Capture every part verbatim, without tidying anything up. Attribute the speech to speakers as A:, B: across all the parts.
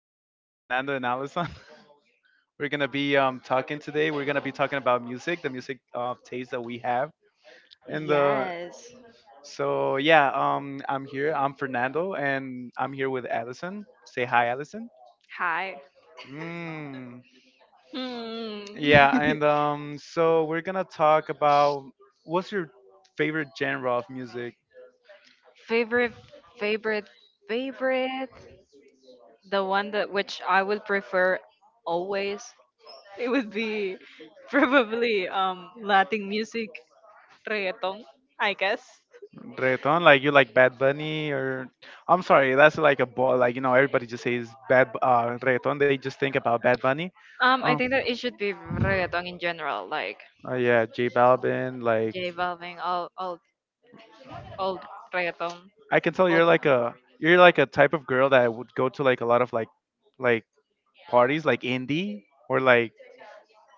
A: uh, Fernando and Allison. We're gonna be um, talking today. We're gonna be talking about music, the music uh, taste that we have, and the
B: Yes.
A: so yeah. Um, I'm here. I'm Fernando, and I'm here with Allison. Say hi, Allison.
B: Hi.
A: Mm,
B: Hmm.
A: yeah, and um, so we're gonna talk about what's your favorite genre of music.
B: favorite, favorite, favorite. The one that which I would prefer always. It would be probably um Latin music, reggaeton. I guess.
A: Reggaeton, like you like Bad Bunny? Or I'm sorry, that's like a ball. Like, you know, everybody just says bad Bu- uh reggaeton, they just think about Bad Bunny.
B: Um,
A: Oh,
B: I think that it should be reggaeton in general, like
A: uh, yeah, J Balvin, like.
B: J Balvin, all all all reggaeton.
A: I can tell
B: All
A: you're like a, you're like a type of girl that would go to like a lot of like like parties, like indie, or like,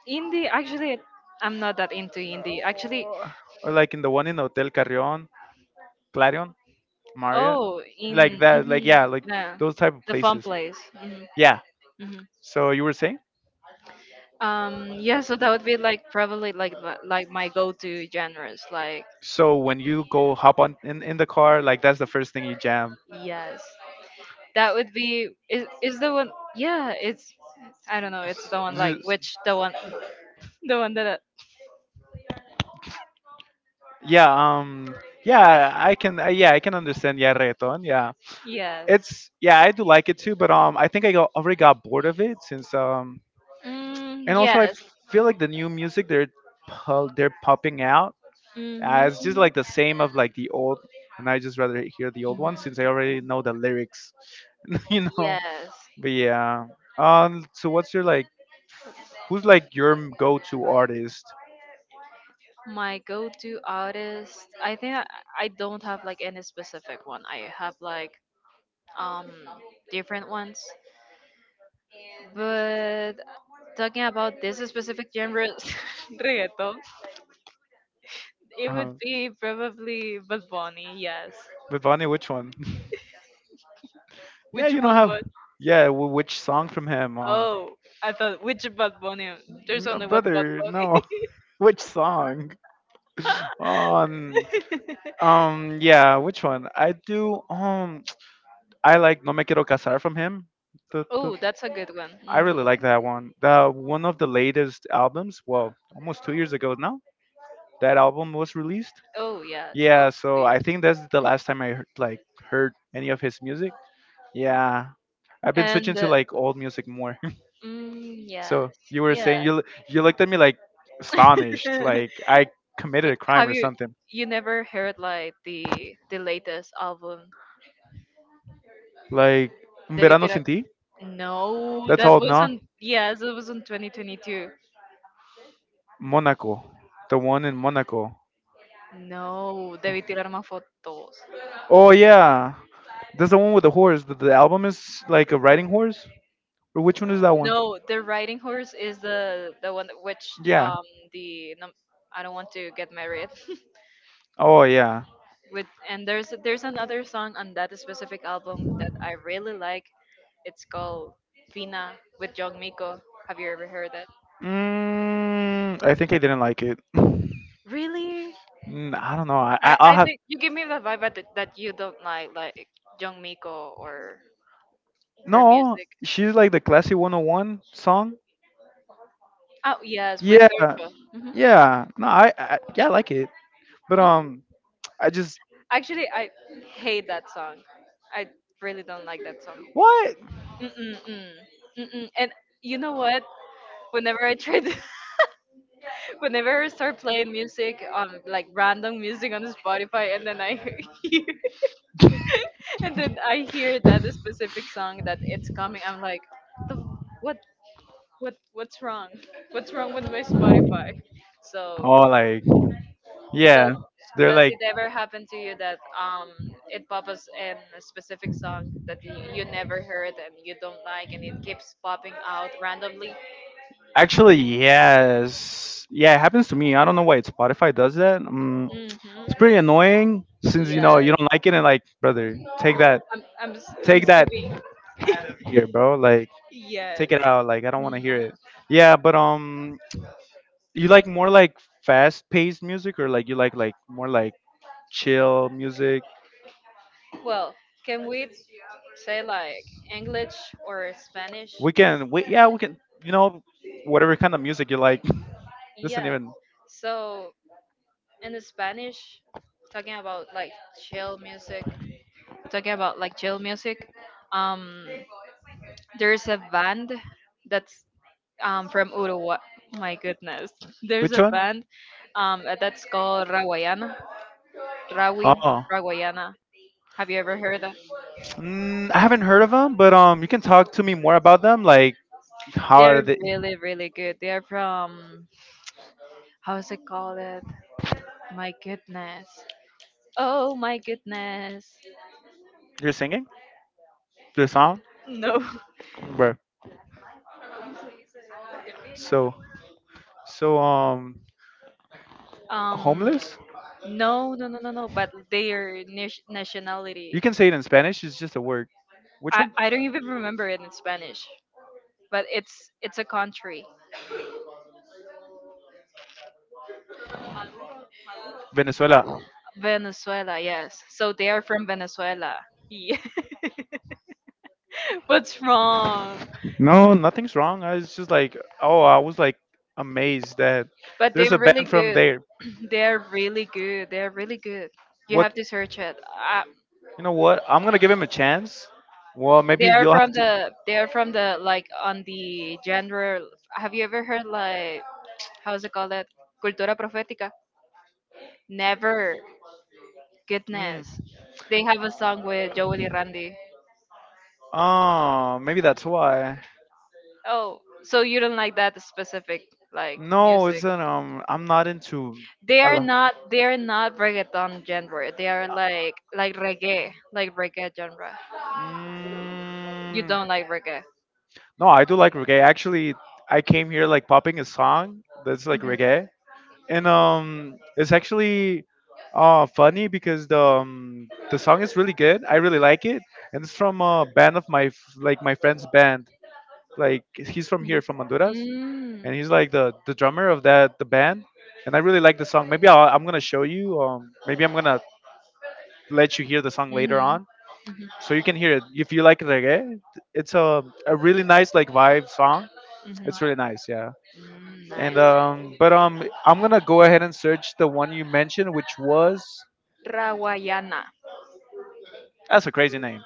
B: indie. Actually, I'm not that into indie. Actually,
A: uh, or like in the one in Hotel Carrion, Clarion, Marriott,
B: oh,
A: like
B: in
A: that, like,
B: mhm,
A: yeah, like
B: yeah,
A: those type of
B: the fun
A: places,
B: place. Hmm.
A: yeah.
B: Hmm.
A: So you were saying,
B: Um, yeah, so that would be like probably like my- like my go-to genres. Like
A: so when you go hop on in, in the car, like that's the first thing you jam.
B: yes, that would be is is the one. Yeah, it's I don't know. It's the one like
A: Z-
B: which the one the one that I,
A: Yeah, um, yeah, I can uh, yeah, I can understand, yeah, reggaeton, yeah.
B: yes.
A: It's, yeah, I do like it too, but um, I think I got, already got bored of it since um,
B: Mm,
A: and also I
B: yes.
A: feel like the new music they're pu- they're popping out, uh,
B: Hmm.
A: it's just like the same of like the old, and I just rather hear the old one since I already
B: Hmm.
A: know the lyrics. You know.
B: Yes.
A: But yeah. Um. So what's your like? Who's like your m- go-to artist?
B: My go-to artist, I think I, I don't have like any specific one. I have like um different ones. But talking about this specific genre, reggaeton, it would
A: Uh-huh.
B: be probably Bad Bunny. Yes.
A: Vivani, which one? Yeah,
B: Which
A: you know
B: one
A: how.
B: was?
A: Yeah, w- which song from him? Um,
B: Oh, I thought which Bad Bunny? There's
A: no,
B: only one Bad
A: brother, no. Which song? On.
B: Bunny.
A: Um, yeah, which one? I do. Um, I like No Me Quiero Casar from him. The, the,
B: Oh, that's a good one.
A: I
B: Hmm.
A: really like that one. The one of the latest albums. Well, almost two years ago now. That album was released.
B: Oh yes,
A: Yeah,
B: almost
A: so
B: there.
A: I think that's the last time I heard, like, heard any of his music. Yeah, I've been switching
B: And
A: to
B: uh,
A: like old music more.
B: mm, yes.
A: So you were
B: Yeah.
A: saying you l- you looked at me like astonished, like I committed
B: But
A: a crime
B: have
A: or
B: you
A: something.
B: you never heard like the the latest album?
A: Like Un
B: De
A: Verano
B: Vitira.
A: Sin Ti.
B: No,
A: That's
B: that
A: old, no?
B: wasn't yes, it was in twenty twenty-two.
A: Monaco, the one in Monaco.
B: No, Debí tirar más fotos.
A: Oh yeah, that's the one with the horse. The, the album is like a riding horse, or which one is that one?
B: No, the riding horse is the the one that- which
A: Yeah.
B: um the num- I don't want to get married.
A: Oh yeah.
B: With and there's there's another song on that specific album that I really like. It's called Fina with Jong Miko. Have you ever heard that?
A: Mm, I think I didn't like it. Mm,
B: Really?
A: I don't know. I I-
B: I,
A: I'll
B: I
A: have
B: think you give me the vibe that, that you don't like like Jong Miko or her
A: no.
B: music.
A: She's like the classy one oh one song.
B: Oh yes, with
A: Yeah,
B: Urcho.
A: yeah. No, I, I yeah, I like it. But
B: Hmm.
A: um, I just
B: Actually, I hate that song. I really don't like that song.
A: what?
B: Mm-mm-mm. Mm-mm. And you know what? Whenever I try to whenever I start playing music on like random music on Spotify, and then I hear, and then I hear that specific song that it's coming, I'm like, the, f- what, what, what's wrong? What's wrong with my Spotify? So,
A: Oh, like
B: it does.
A: yeah, they're
B: Does
A: like
B: it ever happen to you that um it pops us in a specific song that you, you never heard and you don't like, and it keeps popping out randomly?
A: actually yes, yeah. It happens to me. I don't know why Spotify does that. Um,
B: Mm
A: it's pretty
B: hmm
A: annoying since you know you
B: Yes.
A: don't like it, and like, brother, take that,
B: I'm, I'm, s- I'm
A: take that
B: skipping.
A: here, bro. Like,
B: Yes.
A: take it out. Like, I don't want to hear
B: Mhm.
A: it. Yeah, but um, you like more like fast-paced music, or like you like like more like chill music?
B: Well, can we say like English or Spanish?
A: We can. We, yeah, we can. You know, whatever kind of music you like. Listen,
B: Yeah.
A: even
B: So in Spanish, talking about like chill music, talking about like chill music, um, there's a band that's um from Uruguay. My goodness, there's
A: which
B: a
A: one?
B: band um that's called Rawayana. Rawi,
A: Oh,
B: Rawayana. Have you ever heard them?
A: mm, I haven't heard of them, but um, you can talk to me more about them. Like, how are
B: They're
A: they?
B: really, really good. They're from how's it called it? My goodness. Oh my goodness.
A: You're singing the song,
B: No.
A: bro. So, so um,
B: Um,
A: Homeless?
B: no, no, no, no, no. But their nation- nationality,
A: You can say it in Spanish. It's just a word. Which
B: I
A: one?
B: I don't even remember it in Spanish. But it's it's a country,
A: Venezuela.
B: Venezuela. Yes. So they are from Venezuela. Yeah. What's wrong?
A: No, nothing's wrong. I was just like, oh, I was like amazed that
B: But
A: there's
B: they're
A: a
B: really
A: band from
B: good.
A: there.
B: They're really good. They're really good. You
A: What?
B: have to search it. I,
A: You know what? I'm gonna give him a chance. Well,
B: they
A: maybe
B: are
A: you'll
B: from
A: have.
B: the they are from the like on the genre. Have you ever heard like how's it called that? Cultura profética. Never.
A: Mm,
B: Goodness. They have a song with Joel y Randy.
A: oh, maybe that's why.
B: Oh, so you don't like that specific like
A: No,
B: music.
A: it's an um, I'm not into.
B: They
A: I
B: are
A: lo-
B: not they are not reggaeton genre. They are like like reggae, like reggae genre. You
A: mm,
B: don't like reggae.
A: no, I do like reggae. Actually, I came here like popping a song that's like reggae, and um, it's actually uh, funny because the um, the song is really good. I really like it, and it's from a band of my f- like my friend's band. Like, he's from here, from
B: Mhm.
A: Honduras,
B: Mm.
A: and he's like the the drummer of that the band. And I really like the song. Maybe I'll, I'm gonna show you. Um, maybe I'm gonna let you hear the song
B: Mm-hmm.
A: later on,
B: Mm-hmm.
A: so you can hear it. If you like reggae, it's a a really nice like vibe song.
B: Mm-hmm.
A: It's really nice, yeah.
B: Mm,
A: And
B: nice.
A: um, but um, I'm gonna go ahead and search the one you mentioned, which was,
B: Rawayana.
A: that's a crazy name.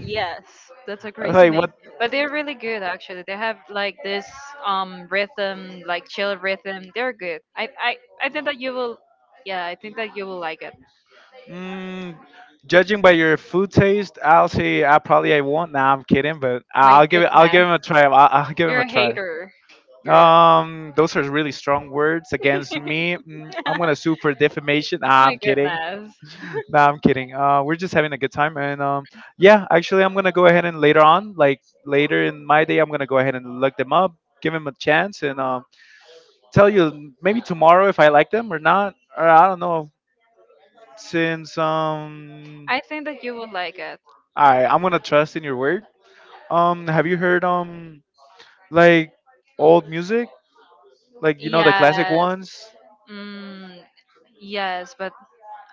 B: Yes, that's a crazy
A: Like
B: name.
A: what?
B: But they're really good actually. They have like this um rhythm, like chill rhythm. They're good. I I, I think that you will yeah, I think that you will like it.
A: Mm, judging by your food taste, I'll say I probably I won't. Nah, I'm kidding, but
B: My
A: I'll give it. I'll give
B: goodness.
A: him a try. I'll, I'll give him
B: You're
A: a
B: a
A: try.
B: hater. You're a
A: Um, those are really strong words against me. Mm, I'm gonna sue for defamation.
B: oh
A: Ah,
B: my
A: I'm kidding.
B: goodness.
A: No, I'm kidding. Uh, we're just having a good time, and um, yeah, actually, I'm gonna go ahead and later on, like later in my day, I'm gonna go ahead and look them up, give them a chance, and um, tell you maybe tomorrow if I like them or not, or I don't know. Since um,
B: I think that you will like it.
A: I I'm gonna trust in your word. Um, have you heard um, like old music, like you know, the classic
B: Yes.
A: ones?
B: Mm, yes, but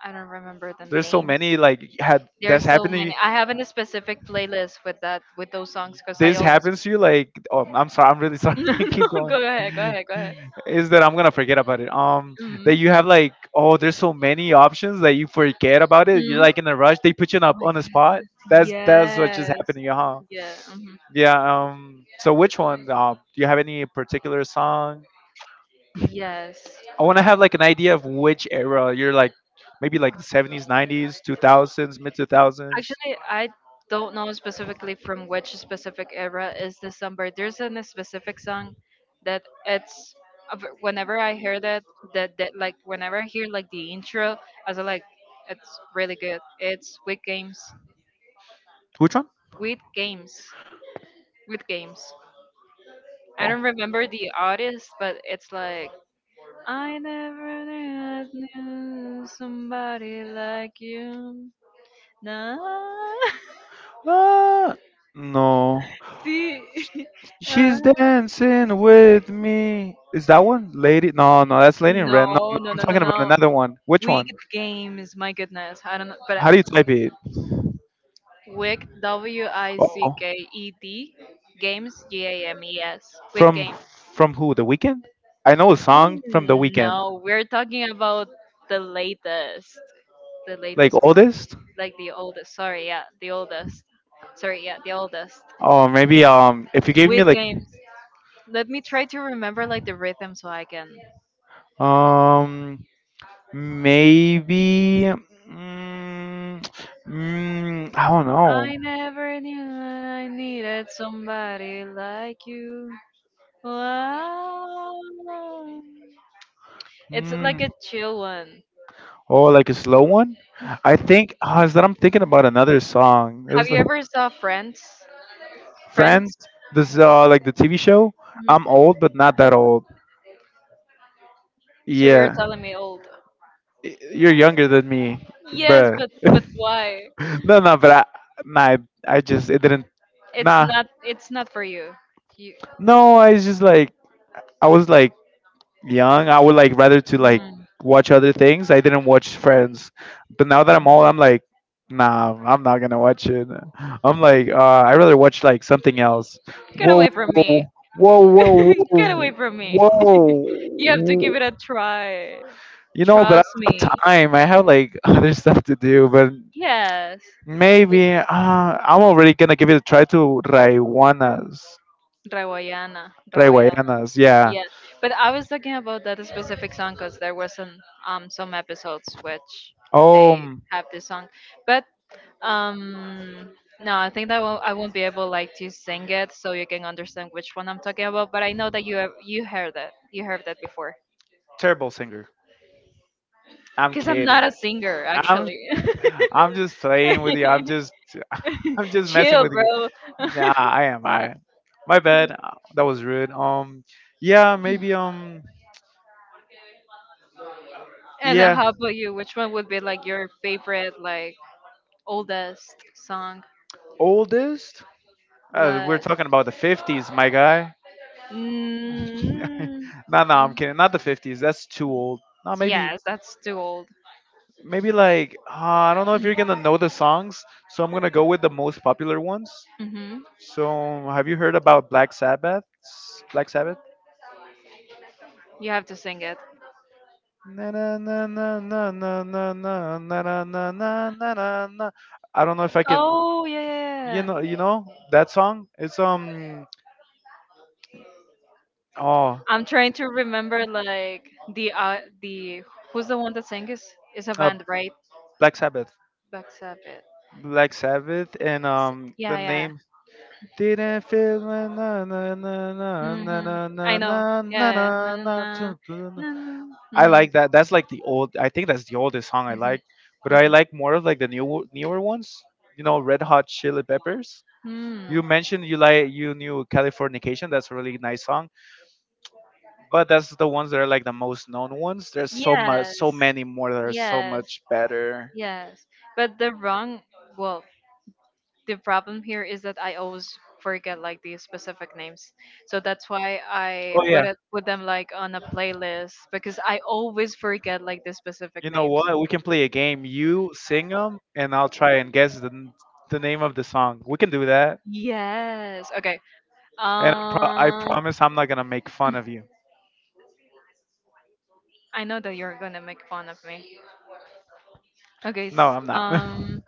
B: I don't remember the
A: There's so
B: names.
A: many like had
B: There's
A: that's
B: so many.
A: happening.
B: I haven't a specific playlist with that with those songs because I
A: This
B: always
A: happens to you like oh, I'm sorry. I'm really sorry.
B: no no
A: Keep going.
B: go ahead, go ahead, go ahead.
A: Is that I'm gonna forget about it? Um,
B: Mm. Mm.
A: that you have like oh, there's so many options that you forget about it.
B: Oh
A: You're
B: my
A: like in a rush. They put you up on the spot.
B: goodness.
A: That's that's what just
B: Yes.
A: happened to you, huh?
B: Yeah. Mhm.
A: Yeah. Um. So which one? Um. Do you have any particular song?
B: Yes.
A: I want to have like an idea of which era you're like, maybe like the seventies, nineties, two thousands, mid two thousands.
B: Actually, I don't know specifically from which specific era is this song, but there's an- a specific song that it's of- whenever I hear that that that like whenever I hear like the intro, I was like, it's really good. It's with games,
A: Which one?
B: with games, with games. I
A: Oh.
B: don't remember the artist, but it's like I never knew I knew somebody like you. Nah,
A: Ah, no.
B: see.
A: She's dancing with me. Is that one? Lady? No, no, that's Lady in
B: No,
A: Red. No, no,
B: no,
A: I'm
B: no, no,
A: talking about
B: no.
A: another one. Which one?
B: Wicked Games, my goodness. I don't know, but uh,
A: How do you type it?
B: Wick, W I C
A: Oh,
B: K E D, Games, G A M E S, Wicked
A: from
B: Games.
A: from who? The Weekend? I know a song from The
B: Mm,
A: Weekend.
B: no, we're talking about the latest, the
A: Like
B: latest,
A: oldest?
B: like the oldest. Sorry, yeah, the oldest. Sorry, yeah, the oldest.
A: Or maybe um, if you gave me
B: Wicked
A: like
B: Games. Let me try to remember like the rhythm so I can.
A: um, maybe mm, mm, I don't know.
B: I never knew I needed somebody like you. Wow. It's
A: Mm,
B: like a chill one.
A: oh, like a slow one? I think uh, is that I'm thinking about another song.
B: Have
A: It's
B: you
A: like
B: ever saw Friends? Friends?
A: Friends. This uh, like the T V show.
B: Mhm.
A: I'm old but not that old.
B: So you're
A: Yeah.
B: telling me old.
A: Y- you're younger than me,
B: Yes,
A: bruh.
B: but but why?
A: No, no, but I, nah, I just it didn't.
B: It's
A: Nah,
B: not it's not for you. You
A: no, I was just like I was like young. I would like rather to like
B: mm.
A: watch other things. I didn't watch Friends, but now that I'm old, I'm like, nah, I'm not gonna watch it. I'm like, uh, I rather watch like something else.
B: Get
A: Whoa,
B: away from me.
A: whoa, whoa, whoa,
B: Get away from me.
A: whoa,
B: You have to
A: whoa.
B: give it a try.
A: You know, but I
B: Trust
A: don't have
B: me.
A: time. I have like other stuff to do, but
B: Yes.
A: maybe uh, I'm already gonna give it a try to Raiwanas.
B: Rawayana. Rawayana.
A: Raiwanas, yeah.
B: Yes. But I was talking about that specific song because there was an, um some episodes which they
A: Um,
B: have this song. But um no, I think that I won't, I won't be able like to sing it so you can understand which one I'm talking about. But I know that you have you heard that you heard that before.
A: terrible singer. I'm
B: Because I'm
A: kidding.
B: not a singer
A: I'm
B: actually.
A: I'm just playing with you. I'm just I'm just messing
B: Chill,
A: with you.
B: bro.
A: Yeah, I am. I am. My bad. Uh, That was rude. Um, yeah, maybe um,
B: And then
A: yeah,
B: how about you? Which one would be like your favorite like oldest song?
A: oldest. Uh, we're
B: La-
A: talking about the fifties, my guy.
B: mm,
A: No, no, I'm kidding. Not the fifties. That's too old. No, maybe,
B: yes, that's too old.
A: maybe like uh, I don't know if you're gonna know the songs, so I'm gonna go with the most popular ones.
B: Hmm.
A: So, have you heard about Black Sabbath? Black Sabbath?
B: You have to sing it.
A: Na na na na na na na na na na na na na na na. I don't know if I can.
B: Oh yeah,
A: You
B: yeah, yeah.
A: know, you know that song. It's um. Oh,
B: I'm trying to remember like the uh, the who's the one that sang is is a
A: uh,
B: band right
A: Black Sabbath.
B: Black Sabbath.
A: Black Sabbath, and um, the
B: Yeah, yeah.
A: name didn't feel na na na na na
B: Hmm.
A: na na na
B: I know.
A: na
B: Yeah,
A: na
B: yeah,
A: na
B: yeah. Na, na,
A: na
B: na,
A: tu- tu- na- na.
B: na, na.
A: I
B: Mhm,
A: like that. That's like the old. I think that's the oldest song I
B: mhm,
A: like, but I
B: mhm.
A: like more of like the new newer ones. You know, Red Hot Chili Peppers.
B: Hmm.
A: You mentioned you like you knew Californication. That's a really nice song, but that's the ones that are like the most known ones. There's so much,
B: Yes,
A: so many more that are so
B: yes,
A: much better.
B: yes. But the wrong, well, the problem here is that I always forget like the specific names. So that's why I
A: Oh
B: put
A: yeah.
B: it put them like on a playlist because I always forget like the specific
A: You know
B: names.
A: what? We can play a game. You sing them, and I'll try and guess the n- the name of the song. We can do that,
B: Yes. Okay.
A: and I, pro- I
B: Uh,
A: promise I'm not gonna make fun of you.
B: I know that you're gonna make fun of me. Okay.
A: No,
B: s-
A: I'm not.
B: Um.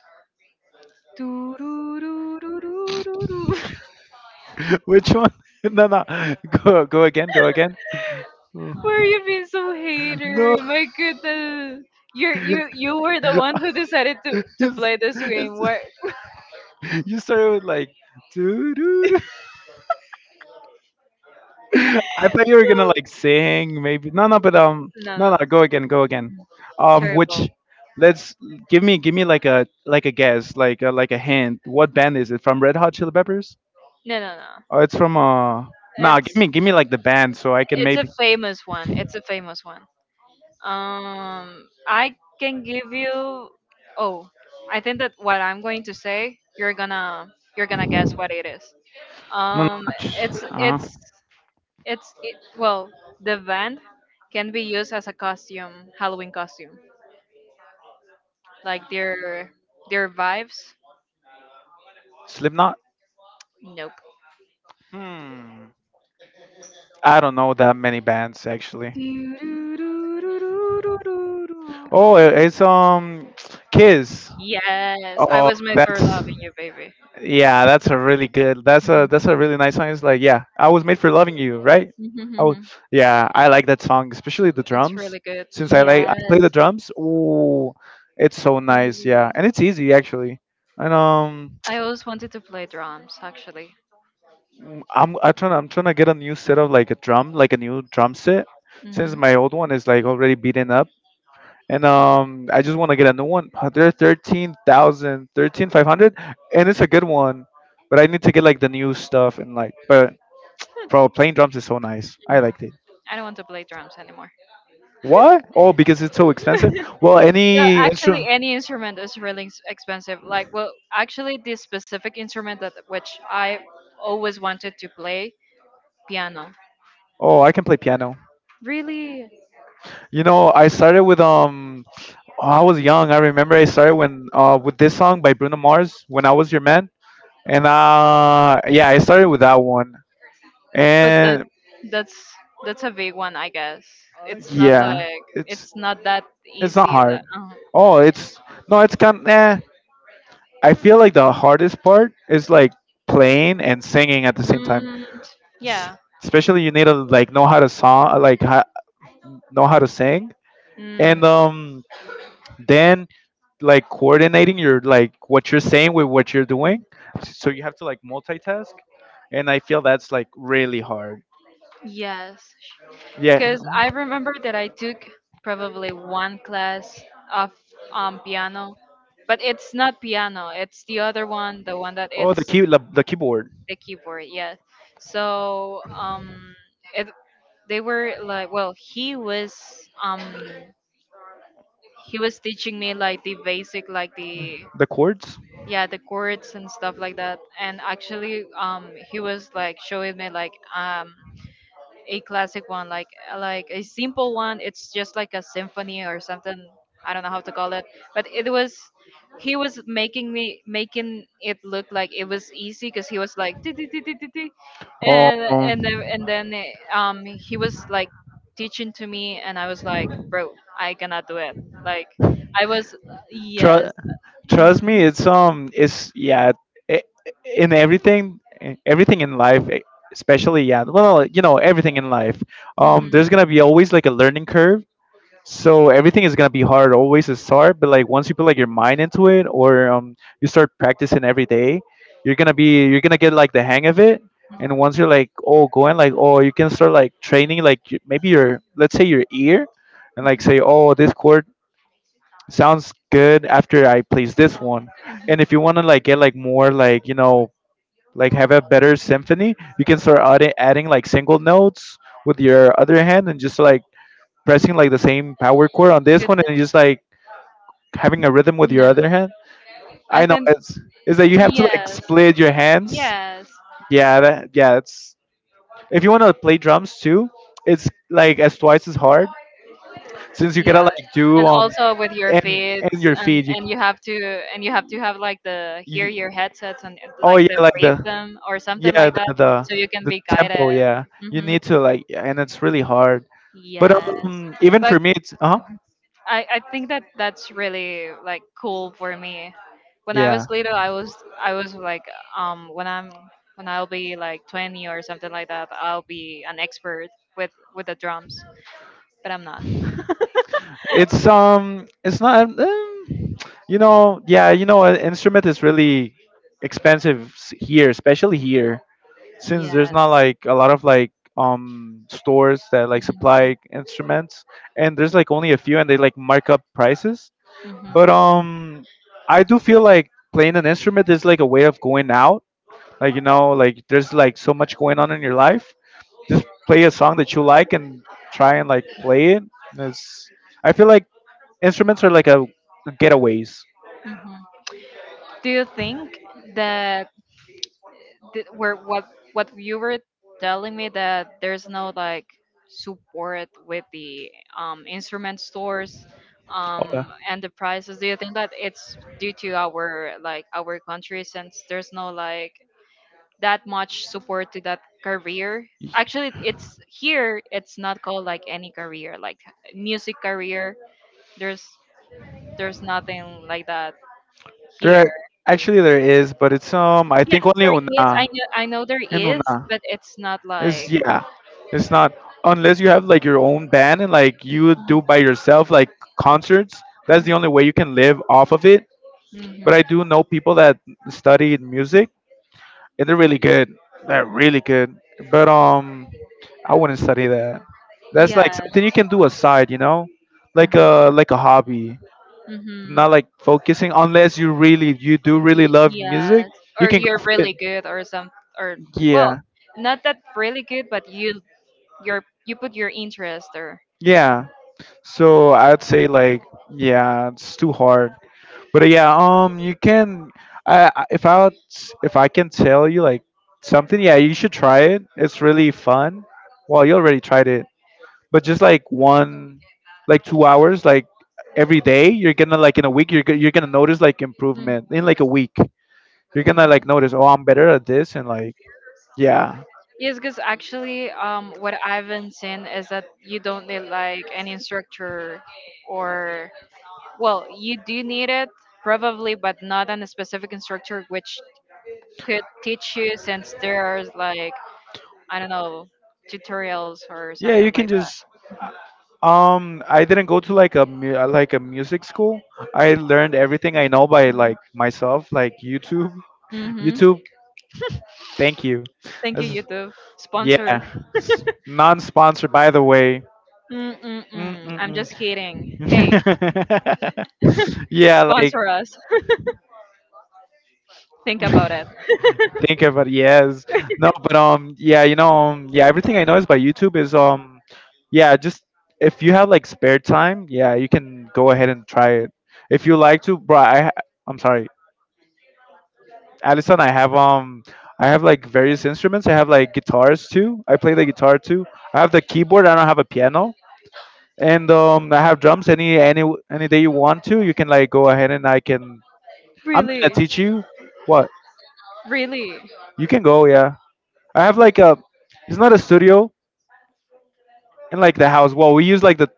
B: Doo doo doo doo doo doo.
A: Which one? No, no. Go, go again. Go again.
B: Why are
A: Mm.
B: you being so hater?
A: No.
B: My goodness. You you you were the one who decided to
A: Yes,
B: to play this
A: yes.
B: game. What?
A: You started with like doo doo doo. I thought you were gonna like sing maybe. No, no, but um,
B: No, no,
A: no, no.
B: no.
A: Go again, go again. Um,
B: Terrible.
A: which let's give me give me like a like a, guess, like a, like a hint. What band is it from? Red Hot Chili Peppers?
B: No, no, no.
A: Oh, it's from uh. Nah, give
B: It's
A: me give me like the band so I can
B: it's a
A: maybe.
B: famous one. It's a famous one. Um, I can give you. Oh, I think that what I'm going to say, you're gonna you're gonna
A: No,
B: guess what it is.
A: not
B: Um,
A: much.
B: it's
A: Uh-huh.
B: it's it's it, well, the band can be used as a costume, Halloween costume. Like their their vibes.
A: Slipknot?
B: Nope.
A: Hmm. I don't know that many bands actually. Oh, i-
B: Doo-doo-doo-doo-doo-doo-doo-doo.
A: it's um Kiss.
B: Yes, I
A: Oh,
B: was made for
A: that's
B: loving you, baby.
A: Yeah, that's a really good. That's a that's a really nice song. It's like, yeah, I was made for loving you, right? I was,
B: Mhm.
A: yeah, I like that song, especially the
B: It's
A: drums.
B: really good.
A: Since I like I
B: Yes,
A: play the drums, ooh, it's so nice. Yeah,
B: really.
A: and it's easy actually. And um,
B: I always wanted to play drums, actually.
A: mm, I'm I trying I'm trying to get a new set of like a drum, like a new drum set, since
B: Hmm.
A: my old one is like already beaten up. And um, I just want to get a new one. Uh, They're thirteen thousand, thirteen five hundred, and it's a good one. But I need to get like the new stuff and like, but bro, playing drums is so nice. I
B: Mm.
A: liked it.
B: I don't want to play drums anymore.
A: Why? Oh, because it's so expensive. Well,
B: Yeah,
A: any
B: actually,
A: instrument.
B: any instrument is really ex- expensive. Like, well, actually, this specific instrument that which I always wanted to play, piano.
A: Oh, I can play piano.
B: Really,
A: You know, I started with um. I was young. I remember I started when uh with this song by Bruno Mars, "When I Was Your Man," and uh yeah, I started with that one.
B: but that
A: And
B: that's that's a big one, I guess. It's not
A: yeah,
B: like
A: it's
B: it's not that
A: it's not
B: easy.
A: hard.
B: Like, uh,
A: Oh, it's no, it's kind. Eh. I feel like the hardest part is like playing and singing at the same time.
B: mm,
A: S-
B: yeah.
A: Especially you need to like know how to song, like ha- know how to sing,
B: Mm,
A: and um, then like coordinating your like what you're saying with what you're doing. So you have to like multitask, and I feel that's like really hard.
B: yes.
A: Yeah.
B: Because I remember that I took probably one class of um, piano, but it's not piano. It's the other one, the one that
A: Oh, the
B: it's
A: key, the, the keyboard.
B: the keyboard yes so um it, they were like well he was um he was teaching me like the basic like the
A: The chords?
B: yeah the chords and stuff like that and actually um he was like showing me like um a classic one, like uh, like a simple one. It's just like a symphony or something. I don't know how to call it, but it was he was making me making it look like it was easy because he was like "Ti, ti, ti, ti, ti, ti,"
A: Oh,
B: and and then, and then eh, um he was like teaching to me and I was like bro I cannot do it like I was
A: tr-
B: yes mm-hmm.
A: trust me, it's um, it's yeah, I in everything, everything in life, e- especially yeah, well, you know, everything in life,
B: Hmm.
A: um, there's gonna be always like a learning curve. So everything is gonna be hard always to start, but like once you put like your mind into it, or um, you start practicing every day, you're gonna be you're gonna get like the hang of it. And once you're like oh going like oh you can start like training like y- maybe your let's say your ear, and like say oh this chord sounds good after I plays this one. And if you wanna like get like more like you know like have a better symphony, you can start adding adding like single notes with your other hand and just like pressing like the same power chord on this one and just like having a rhythm with your
B: no no
A: other hand.
B: I
A: I know
B: think
A: it's is that you have to like
B: yes
A: split your hands.
B: yes
A: Yeah, that yeah, it's if you want to play drums too, it's like as twice as hard since you gotta
B: yeah
A: like do
B: and
A: um
B: also with your
A: and and
B: feeds
A: your
B: and
A: feet. You,
B: and you have to and you have to have like the hear
A: you
B: your headsets and uh,
A: oh
B: like
A: yeah,
B: the
A: like the
B: rhythm or something
A: yeah
B: like that
A: the the,
B: so you can
A: the
B: be guided
A: tempo. Yeah, you
B: hmm
A: need to like yeah, and it's really hard. But
B: yes
A: um, even
B: but
A: for me, it's uh huh.
B: mhm, I, I think that that's really like cool for me. When I
A: Yeah.
B: was little, I was I was like um when I'm when I'll be like twenty or something like that, I'll be an expert with with the drums, but I'm not.
A: It's um, it's not. Um, you know, yeah, you know, an instrument is really expensive s- here, especially here, since there's
B: Yes.
A: not like a lot of like um stores that like
B: Hmm.
A: supply instruments, and there's like only a few, and they like mark up prices. But um, I do feel like playing an instrument is like a way of going out. Like you know, like there's like so much going on in your life. Just play a song that you like and try and like play it. It's I feel like instruments are like a getaways.
B: Do you think that th- where what what you were telling me that there's no like support with the um, instrument stores
A: Okay.
B: um,
A: Y-
B: and the prices? Do you think that it's due to our like our country since there's no like that much support to that career? Actually, it's here. It's not called like any career, like music career. There's There's nothing like that here.
A: There actually there is, but it's um I
B: Yeah,
A: think only
B: there is. I
A: Una,
B: know. I know there
A: in
B: is,
A: Una.
B: but it's not
A: It's
B: like.
A: yeah, it's not unless you have like your own band and like you do by yourself like concerts. That's the only way you can live off of it. But
B: Hmm.
A: I do know people that studied music and they're really good. They're really good. But um, I wouldn't study that. That's like
B: Yeah.
A: something you can do aside, you know, like a like a hobby.
B: Mm-hmm.
A: Not like focusing unless you really you do really love music.
B: Yes.
A: You
B: Or
A: can go
B: you're
A: for it.
B: really good, or some, or well,
A: Yeah,
B: not that really good, but you you're you put your interest there.
A: yeah. So I'd say like yeah, it's too hard. But yeah, um, you can. I I- if I would if I can tell you like something, yeah, you should try it. It's really fun. Well, you already tried it, but just like one, like two hours, like every day, you're gonna like in a week, you're go- you're gonna notice like
B: Mhm.
A: improvement in like a week. You're gonna like
B: Mm.
A: notice, oh, I'm better at this, and like yeah,
B: Yes, because actually, um, what I've been seeing is that you don't need like an instructor, or, well, you do need it, probably, but not on a specific instructor which could teach you, since there's like, I don't know, tutorials or
A: yeah, you
B: something
A: can
B: like that.
A: just Um, I didn't go to like a mu- uh, like a music school. I learned everything I know by like myself, like YouTube.
B: Mm-hmm.
A: YouTube, thank you.
B: Thank you,
A: That's,
B: YouTube.
A: yeah,
B: Sponsor.
A: S- non-sponsored, by the way.
B: Mm-mm-mm. I'm
A: Mm-mm-mm.
B: just kidding. Hey,
A: yeah, like
B: sponsor us. Think about it.
A: think about yes, no, but um, yeah, you know, um, yeah, everything I know is by YouTube. Is um, yeah, just if you have like spare time, yeah, you can go ahead and try it if you like to. Bro, I ha- I'm sorry Allison, I have um, I have like various instruments. I have like guitars too. I play the guitar too. I have the keyboard. I don't have a piano. And um, I have drums. Any any any day you want to, you can like go ahead and I can. I'm gonna
B: Really?
A: teach you. What
B: Really?
A: you can go, yeah. I have like a. It's not a studio in like the house. Well, we use like the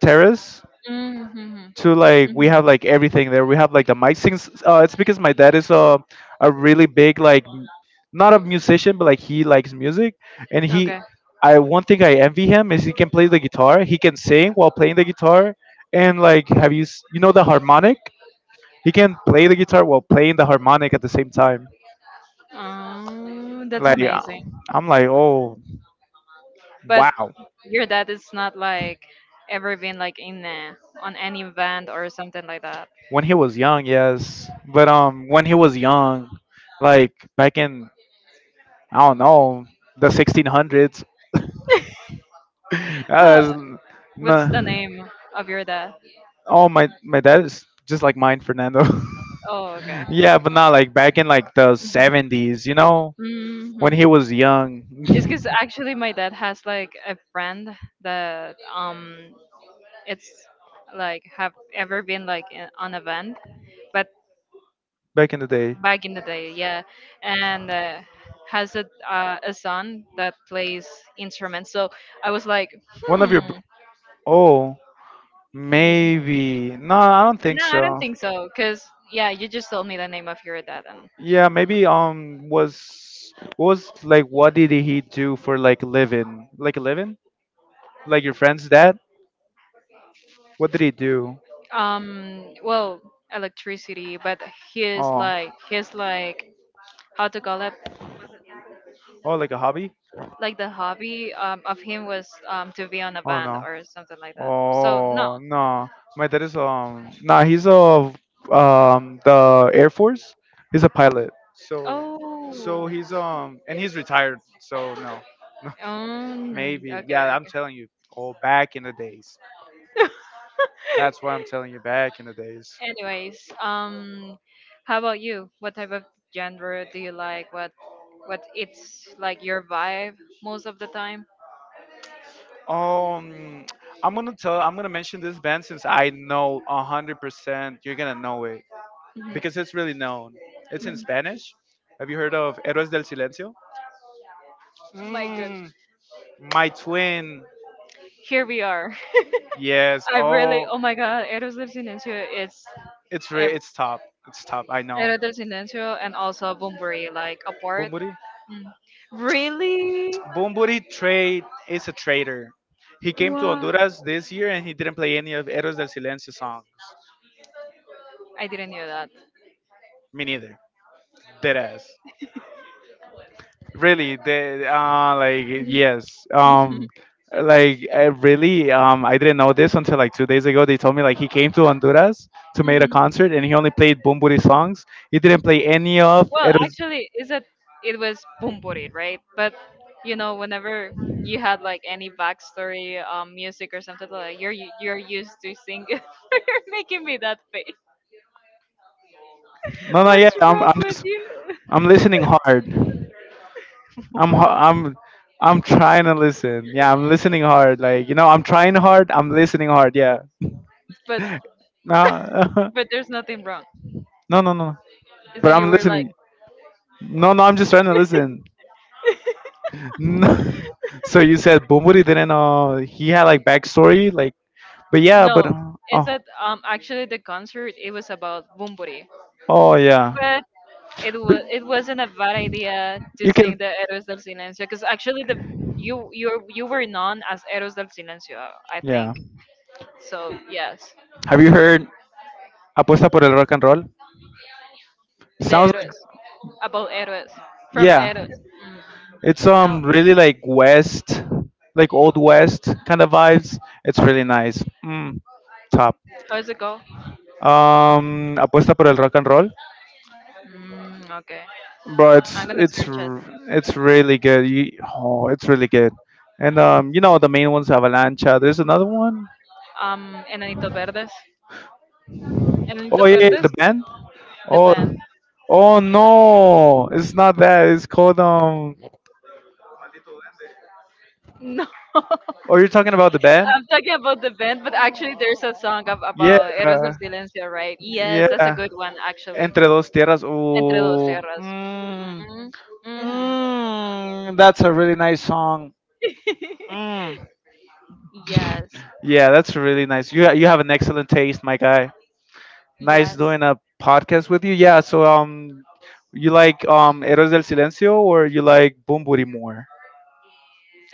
A: terrace
B: Mm-hmm.
A: to like we
B: Hmm.
A: have like everything there. We have like the mic things. Uh, it's because my dad is a a really big like not a musician, but like he likes music, and he,
B: Okay.
A: I one thing I envy him is he can play the guitar. He can sing while playing the guitar, and like have you s- you know the harmonic? He can play the guitar while playing the harmonic at the same time.
B: Oh, that's
A: Like uh,
B: amazing.
A: I'm like oh
B: But
A: wow.
B: your dad is not like ever been like in a, on any event or something like that.
A: When he was young, yes, but um when he was young, like back in I don't know the sixteen hundreds.
B: How,
A: Uh, nah.
B: what's the name of your dad?
A: Oh my my dad is just like mine, Fernando.
B: Oh, okay.
A: Yeah, but not like back in like the seventies, you know, when he
B: Mm-hmm.
A: was young,
B: It's because actually my dad has like a friend that um it's like have ever been like in, on event, but
A: back in the day.
B: back in the day, yeah, and uh, has a uh, a son that plays instruments. So I was like,
A: One of your br-
B: hmm,
A: oh,
B: mm,
A: maybe. No, I don't think
B: no, I don't
A: so.
B: think so, because yeah, you just told me the name of your dad, and
A: Yeah,
B: no,
A: maybe um was was like what did he do for like a living? Like a living? Like your friend's dad? What did he do?
B: no. Um, well, electricity, but his
A: Oh,
B: like his like how to call it,
A: oh, like a hobby?
B: like the hobby um, of him was um, to be on a
A: Oh
B: band
A: no.
B: or something like that. So no.
A: Oh no. My dad is um. Nah, he's a um the Air Force. He's a pilot. So, so
B: Oh.
A: he's um and he's retired. So no, no.
B: Um, okay.
A: Maybe. Yeah, I'm
B: Okay.
A: telling you. Oh, back in the days. That's why I'm telling you back in the days.
B: Anyways, um, how about you? What type of genre do you like? What what it's like your vibe most of the time? Mhm.
A: Um, I'm gonna tell. I'm gonna mention this band since I know hundred percent you're gonna know it, because it's really known. It's in Spanish. Have you heard of Héroes del Silencio?
B: My good.
A: Mm, my twin.
B: Here we are.
A: Yes.
B: I really,
A: Oh,
B: oh my god, Eros del Silencio, it's
A: it's re-
B: every,
A: it's top. It's top. I know.
B: Eros del Silencio and also Bunbury, like, apart.
A: Bumburi.
B: Mm. Really?
A: Bumburi trade is a traitor. He came to
B: Wow.
A: Honduras this year and he didn't play any of Héroes del Silencio songs.
B: I didn't know that.
A: Me neither. Deadass. Really they uh like
B: Yes.
A: yes
B: Mhm.
A: um like I really um I didn't know this until like two days ago they told me like he came to Honduras to make a
B: Mhm.
A: concert and he only played Bumburi songs. He didn't play any of
B: Well,
A: it was
B: actually, is it it was Bumburi, right? But you know, whenever you had like any backstory, um, music or something like that, you're u- you're used to sing. You're making me that face.
A: no no yeah
B: What's
A: i'm,
B: wrong
A: I'm
B: with
A: just
B: you?
A: I'm listening hard I'm ho- I'm I'm trying to listen. Yeah, I'm listening hard. Like, you know, I'm trying hard. I'm listening hard. Yeah.
B: But
A: No,
B: but there's nothing wrong.
A: no, no, no.
B: Is
A: But
B: that you
A: I'm
B: were like,
A: listening. No, no, I'm just trying to listen. No. So you said Bumuri didn't know he had like backstory, like. But yeah,
B: no.
A: but uh,
B: Is
A: oh,
B: that um actually the concert? It was about Bumburi,
A: oh yeah.
B: but it
A: But
B: was it wasn't a bad idea to
A: you
B: sing
A: can.
B: the Héroes del Silencio, because actually the you you you were known as Héroes del Silencio, I think.
A: Yeah.
B: So yes,
A: Have you heard Apuesta por el rock and roll?
B: the
A: Sounds like
B: héroes, about héroes, from
A: yeah.
B: héroes.
A: It's
B: No,
A: um really like West, like old West kind of vibes. It's really nice. Mm, top.
B: how does it go?
A: Um, apuesta por el rock and roll,
B: Mm, okay,
A: bro.
B: I'm
A: It's
B: gonna
A: it's
B: search it.
A: r- it's really good. You, oh, it's really good. And um, you know the main ones Avalancha. There's another one.
B: Um, Enanito Verdes.
A: Oh
B: Enanitos
A: yeah, yeah,
B: Verdes,
A: the band.
B: the
A: Oh,
B: band.
A: oh no, it's not that. It's called um.
B: No,
A: Oh, you're talking about the band?
B: I'm talking about the band, but actually there's a song ab-
A: Yeah,
B: about Héroes del Silencio, right? Yes, that's a good
A: yeah.
B: one actually.
A: Entre Dos Tierras.
B: Entre dos
A: Ooh.
B: tierras.
A: Mm,
B: Hmm. Hmm.
A: mm, that's a really nice song. Mm.
B: Yes,
A: Yeah, that's really nice. You you have an excellent taste, my guy. Nice
B: yes.
A: doing a podcast with you. Yeah. So um, you like um Héroes del Silencio or you like Bumburi more?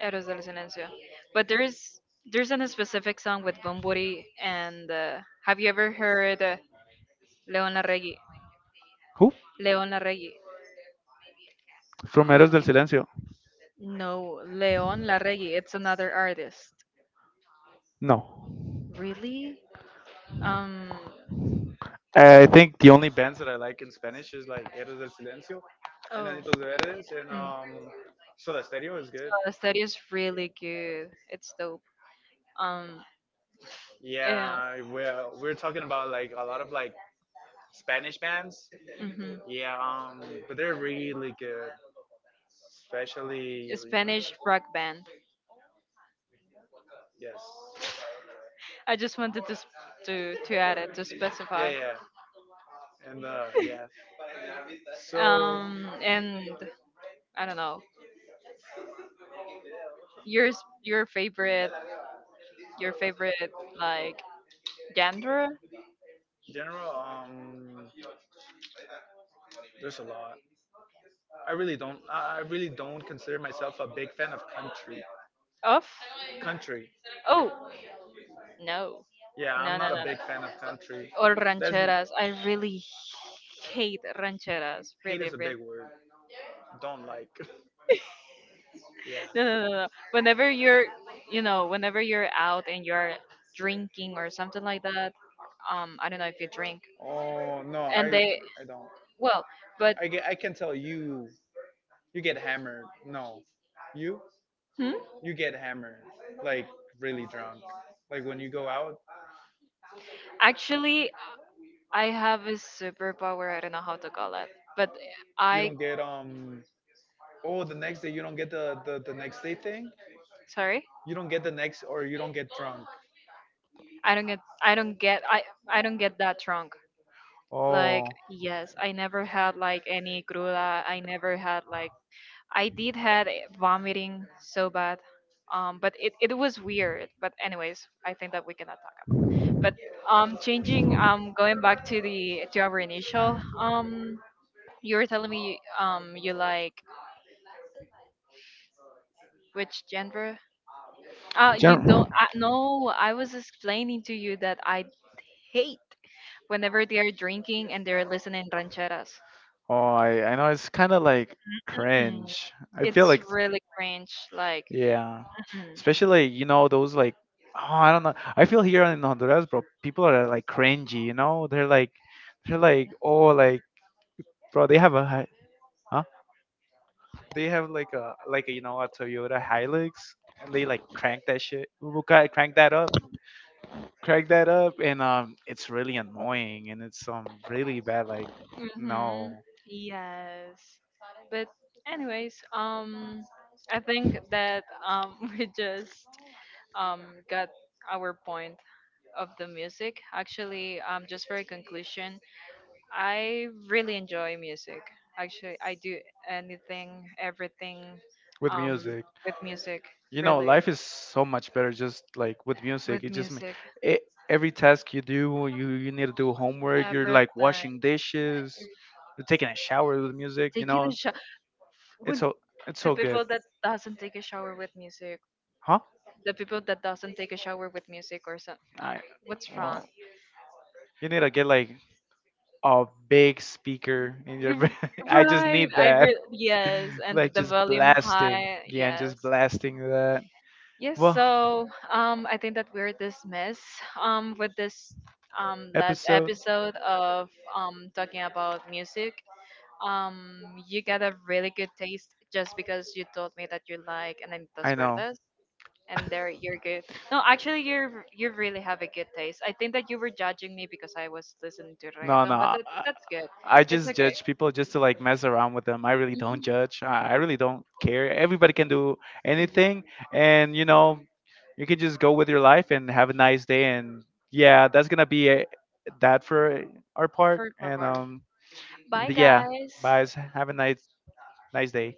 B: Héroes del Silencio. But there is there's a specific song with Bumburi, and uh, have you ever heard uh, Leon Larregui?
A: Who
B: Leon Larregui.
A: from Héroes del Silencio?
B: No, Leon Larregui. It's another artist.
A: No.
B: Really? Um.
A: I think the only bands that I like in Spanish is like Héroes del Silencio and
B: Oh.
A: Anitos de Verdes and
B: Mm. Oh,
A: um Soda Stereo is good.
B: the study is really good. It's dope. Um. Yeah.
A: Yeah, we're we're talking about like a lot of like Spanish bands.
B: Hmm.
A: Yeah, um, but they're really good, especially
B: A
A: you know,
B: Spanish rock band.
A: yes,
B: I just wanted to s- to to add it, to
A: yeah,
B: specify.
A: yeah, and uh, yeah. So
B: Um and I don't know yours your favorite your favorite, like, genre
A: general, um, there's a lot. I really don't, I I really don't consider myself a big fan of country.
B: of
A: Country.
B: oh, no,
A: Yeah, I'm
B: no, no,
A: not a
B: no, no,
A: big fan of country.
B: or
A: That's
B: rancheras. I really hate rancheras,
A: hate
B: really,
A: is a big
B: really.
A: word. Don't like. Yeah.
B: No, no, no, no, whenever you're, you know whenever you're out and you're drinking or something like that, um I don't know if you drink,
A: Oh no,
B: and
A: I
B: they.
A: I don't.
B: Well, but
A: I get I can tell you you get hammered. No. You?
B: hmm?
A: You get hammered. Like really drunk. Like when you go out.
B: Actually, I have a superpower. I don't know how to call it, but
A: You
B: I
A: don't get um. Oh, the next day you don't get the, the, the next day thing?
B: sorry,
A: You don't get the next or you don't get drunk.
B: i don't get i don't get i i don't get that drunk. Like,
A: Oh,
B: yes, I never had like any cruda. I never had like I did had, eh, vomiting so bad. Um but it, it was weird. But anyways, I think that we cannot talk about. But um changing, um going back to the to our initial. um You were telling me, um you like which genre? Uh you
A: germ.
B: don't I, no, I was explaining to you that I hate whenever they are drinking and they're listening rancheras.
A: Oh, I, I know it's kind of like
B: Mm-mm.
A: cringe. I feel
B: It's
A: like,
B: really cringe, like
A: yeah,
B: mm-mm.
A: especially like, you know those like oh I don't know. I feel here in Honduras, bro, people are like cringy. You know, they're like they're like oh like bro, they have a hi- huh? They have like a like a, you know a Toyota Hilux, and they like crank that shit. Ooh, ca- Crank that up, crank that up, and um, it's really annoying and it's um really bad. Like
B: Mm-hmm.
A: no.
B: Yes. But anyways, um I think that um we just um got our point of the music. Actually, um just for a conclusion, I really enjoy music. Actually, I do anything, everything,
A: With
B: um,
A: music.
B: with music.
A: You know,
B: Really,
A: life is so much better just like with music.
B: with
A: It just ma-
B: music,
A: e- every task you do, you you need to do homework, you're like
B: everything.
A: washing dishes, taking a shower with music. You
B: Taking
A: know,
B: a shower.
A: it's
B: When
A: so it's
B: the
A: so good,
B: people that doesn't take a shower with music,
A: huh?
B: the people that doesn't take a shower with music or some, uh,
A: I
B: what's wrong?
A: well, you need to get like a big speaker in your. Ba-
B: You-
A: I just
B: Right.
A: need
B: I
A: that,
B: re- yes, and
A: like
B: with the
A: just
B: volume
A: blasting.
B: high.
A: Yeah, and just
B: Yes.
A: blasting that.
B: Yes,
A: Well
B: so um, I think that we're dismissed, um, with this, um, last
A: episode.
B: episode of, um, talking about music. Um, you got a really good taste, just because you told me that you like Ananitas
A: I know.
B: Verdes, and there you're good. No, actually, you're you really have a good taste. I think that you were judging me because I was listening to
A: No, no.
B: reggaeton, but
A: I,
B: that, that's good.
A: I
B: It's
A: just
B: okay.
A: judge people just to like mess around with them. I really don't judge. I, I really don't care. Everybody can do
B: Mhm.
A: anything, and you know, you can just go with your life and have a nice day. And yeah, that's gonna be it that for our part.
B: For, for,
A: And
B: for.
A: um,
B: Bye,
A: yeah,
B: guys.
A: bye. Have a nice nice day.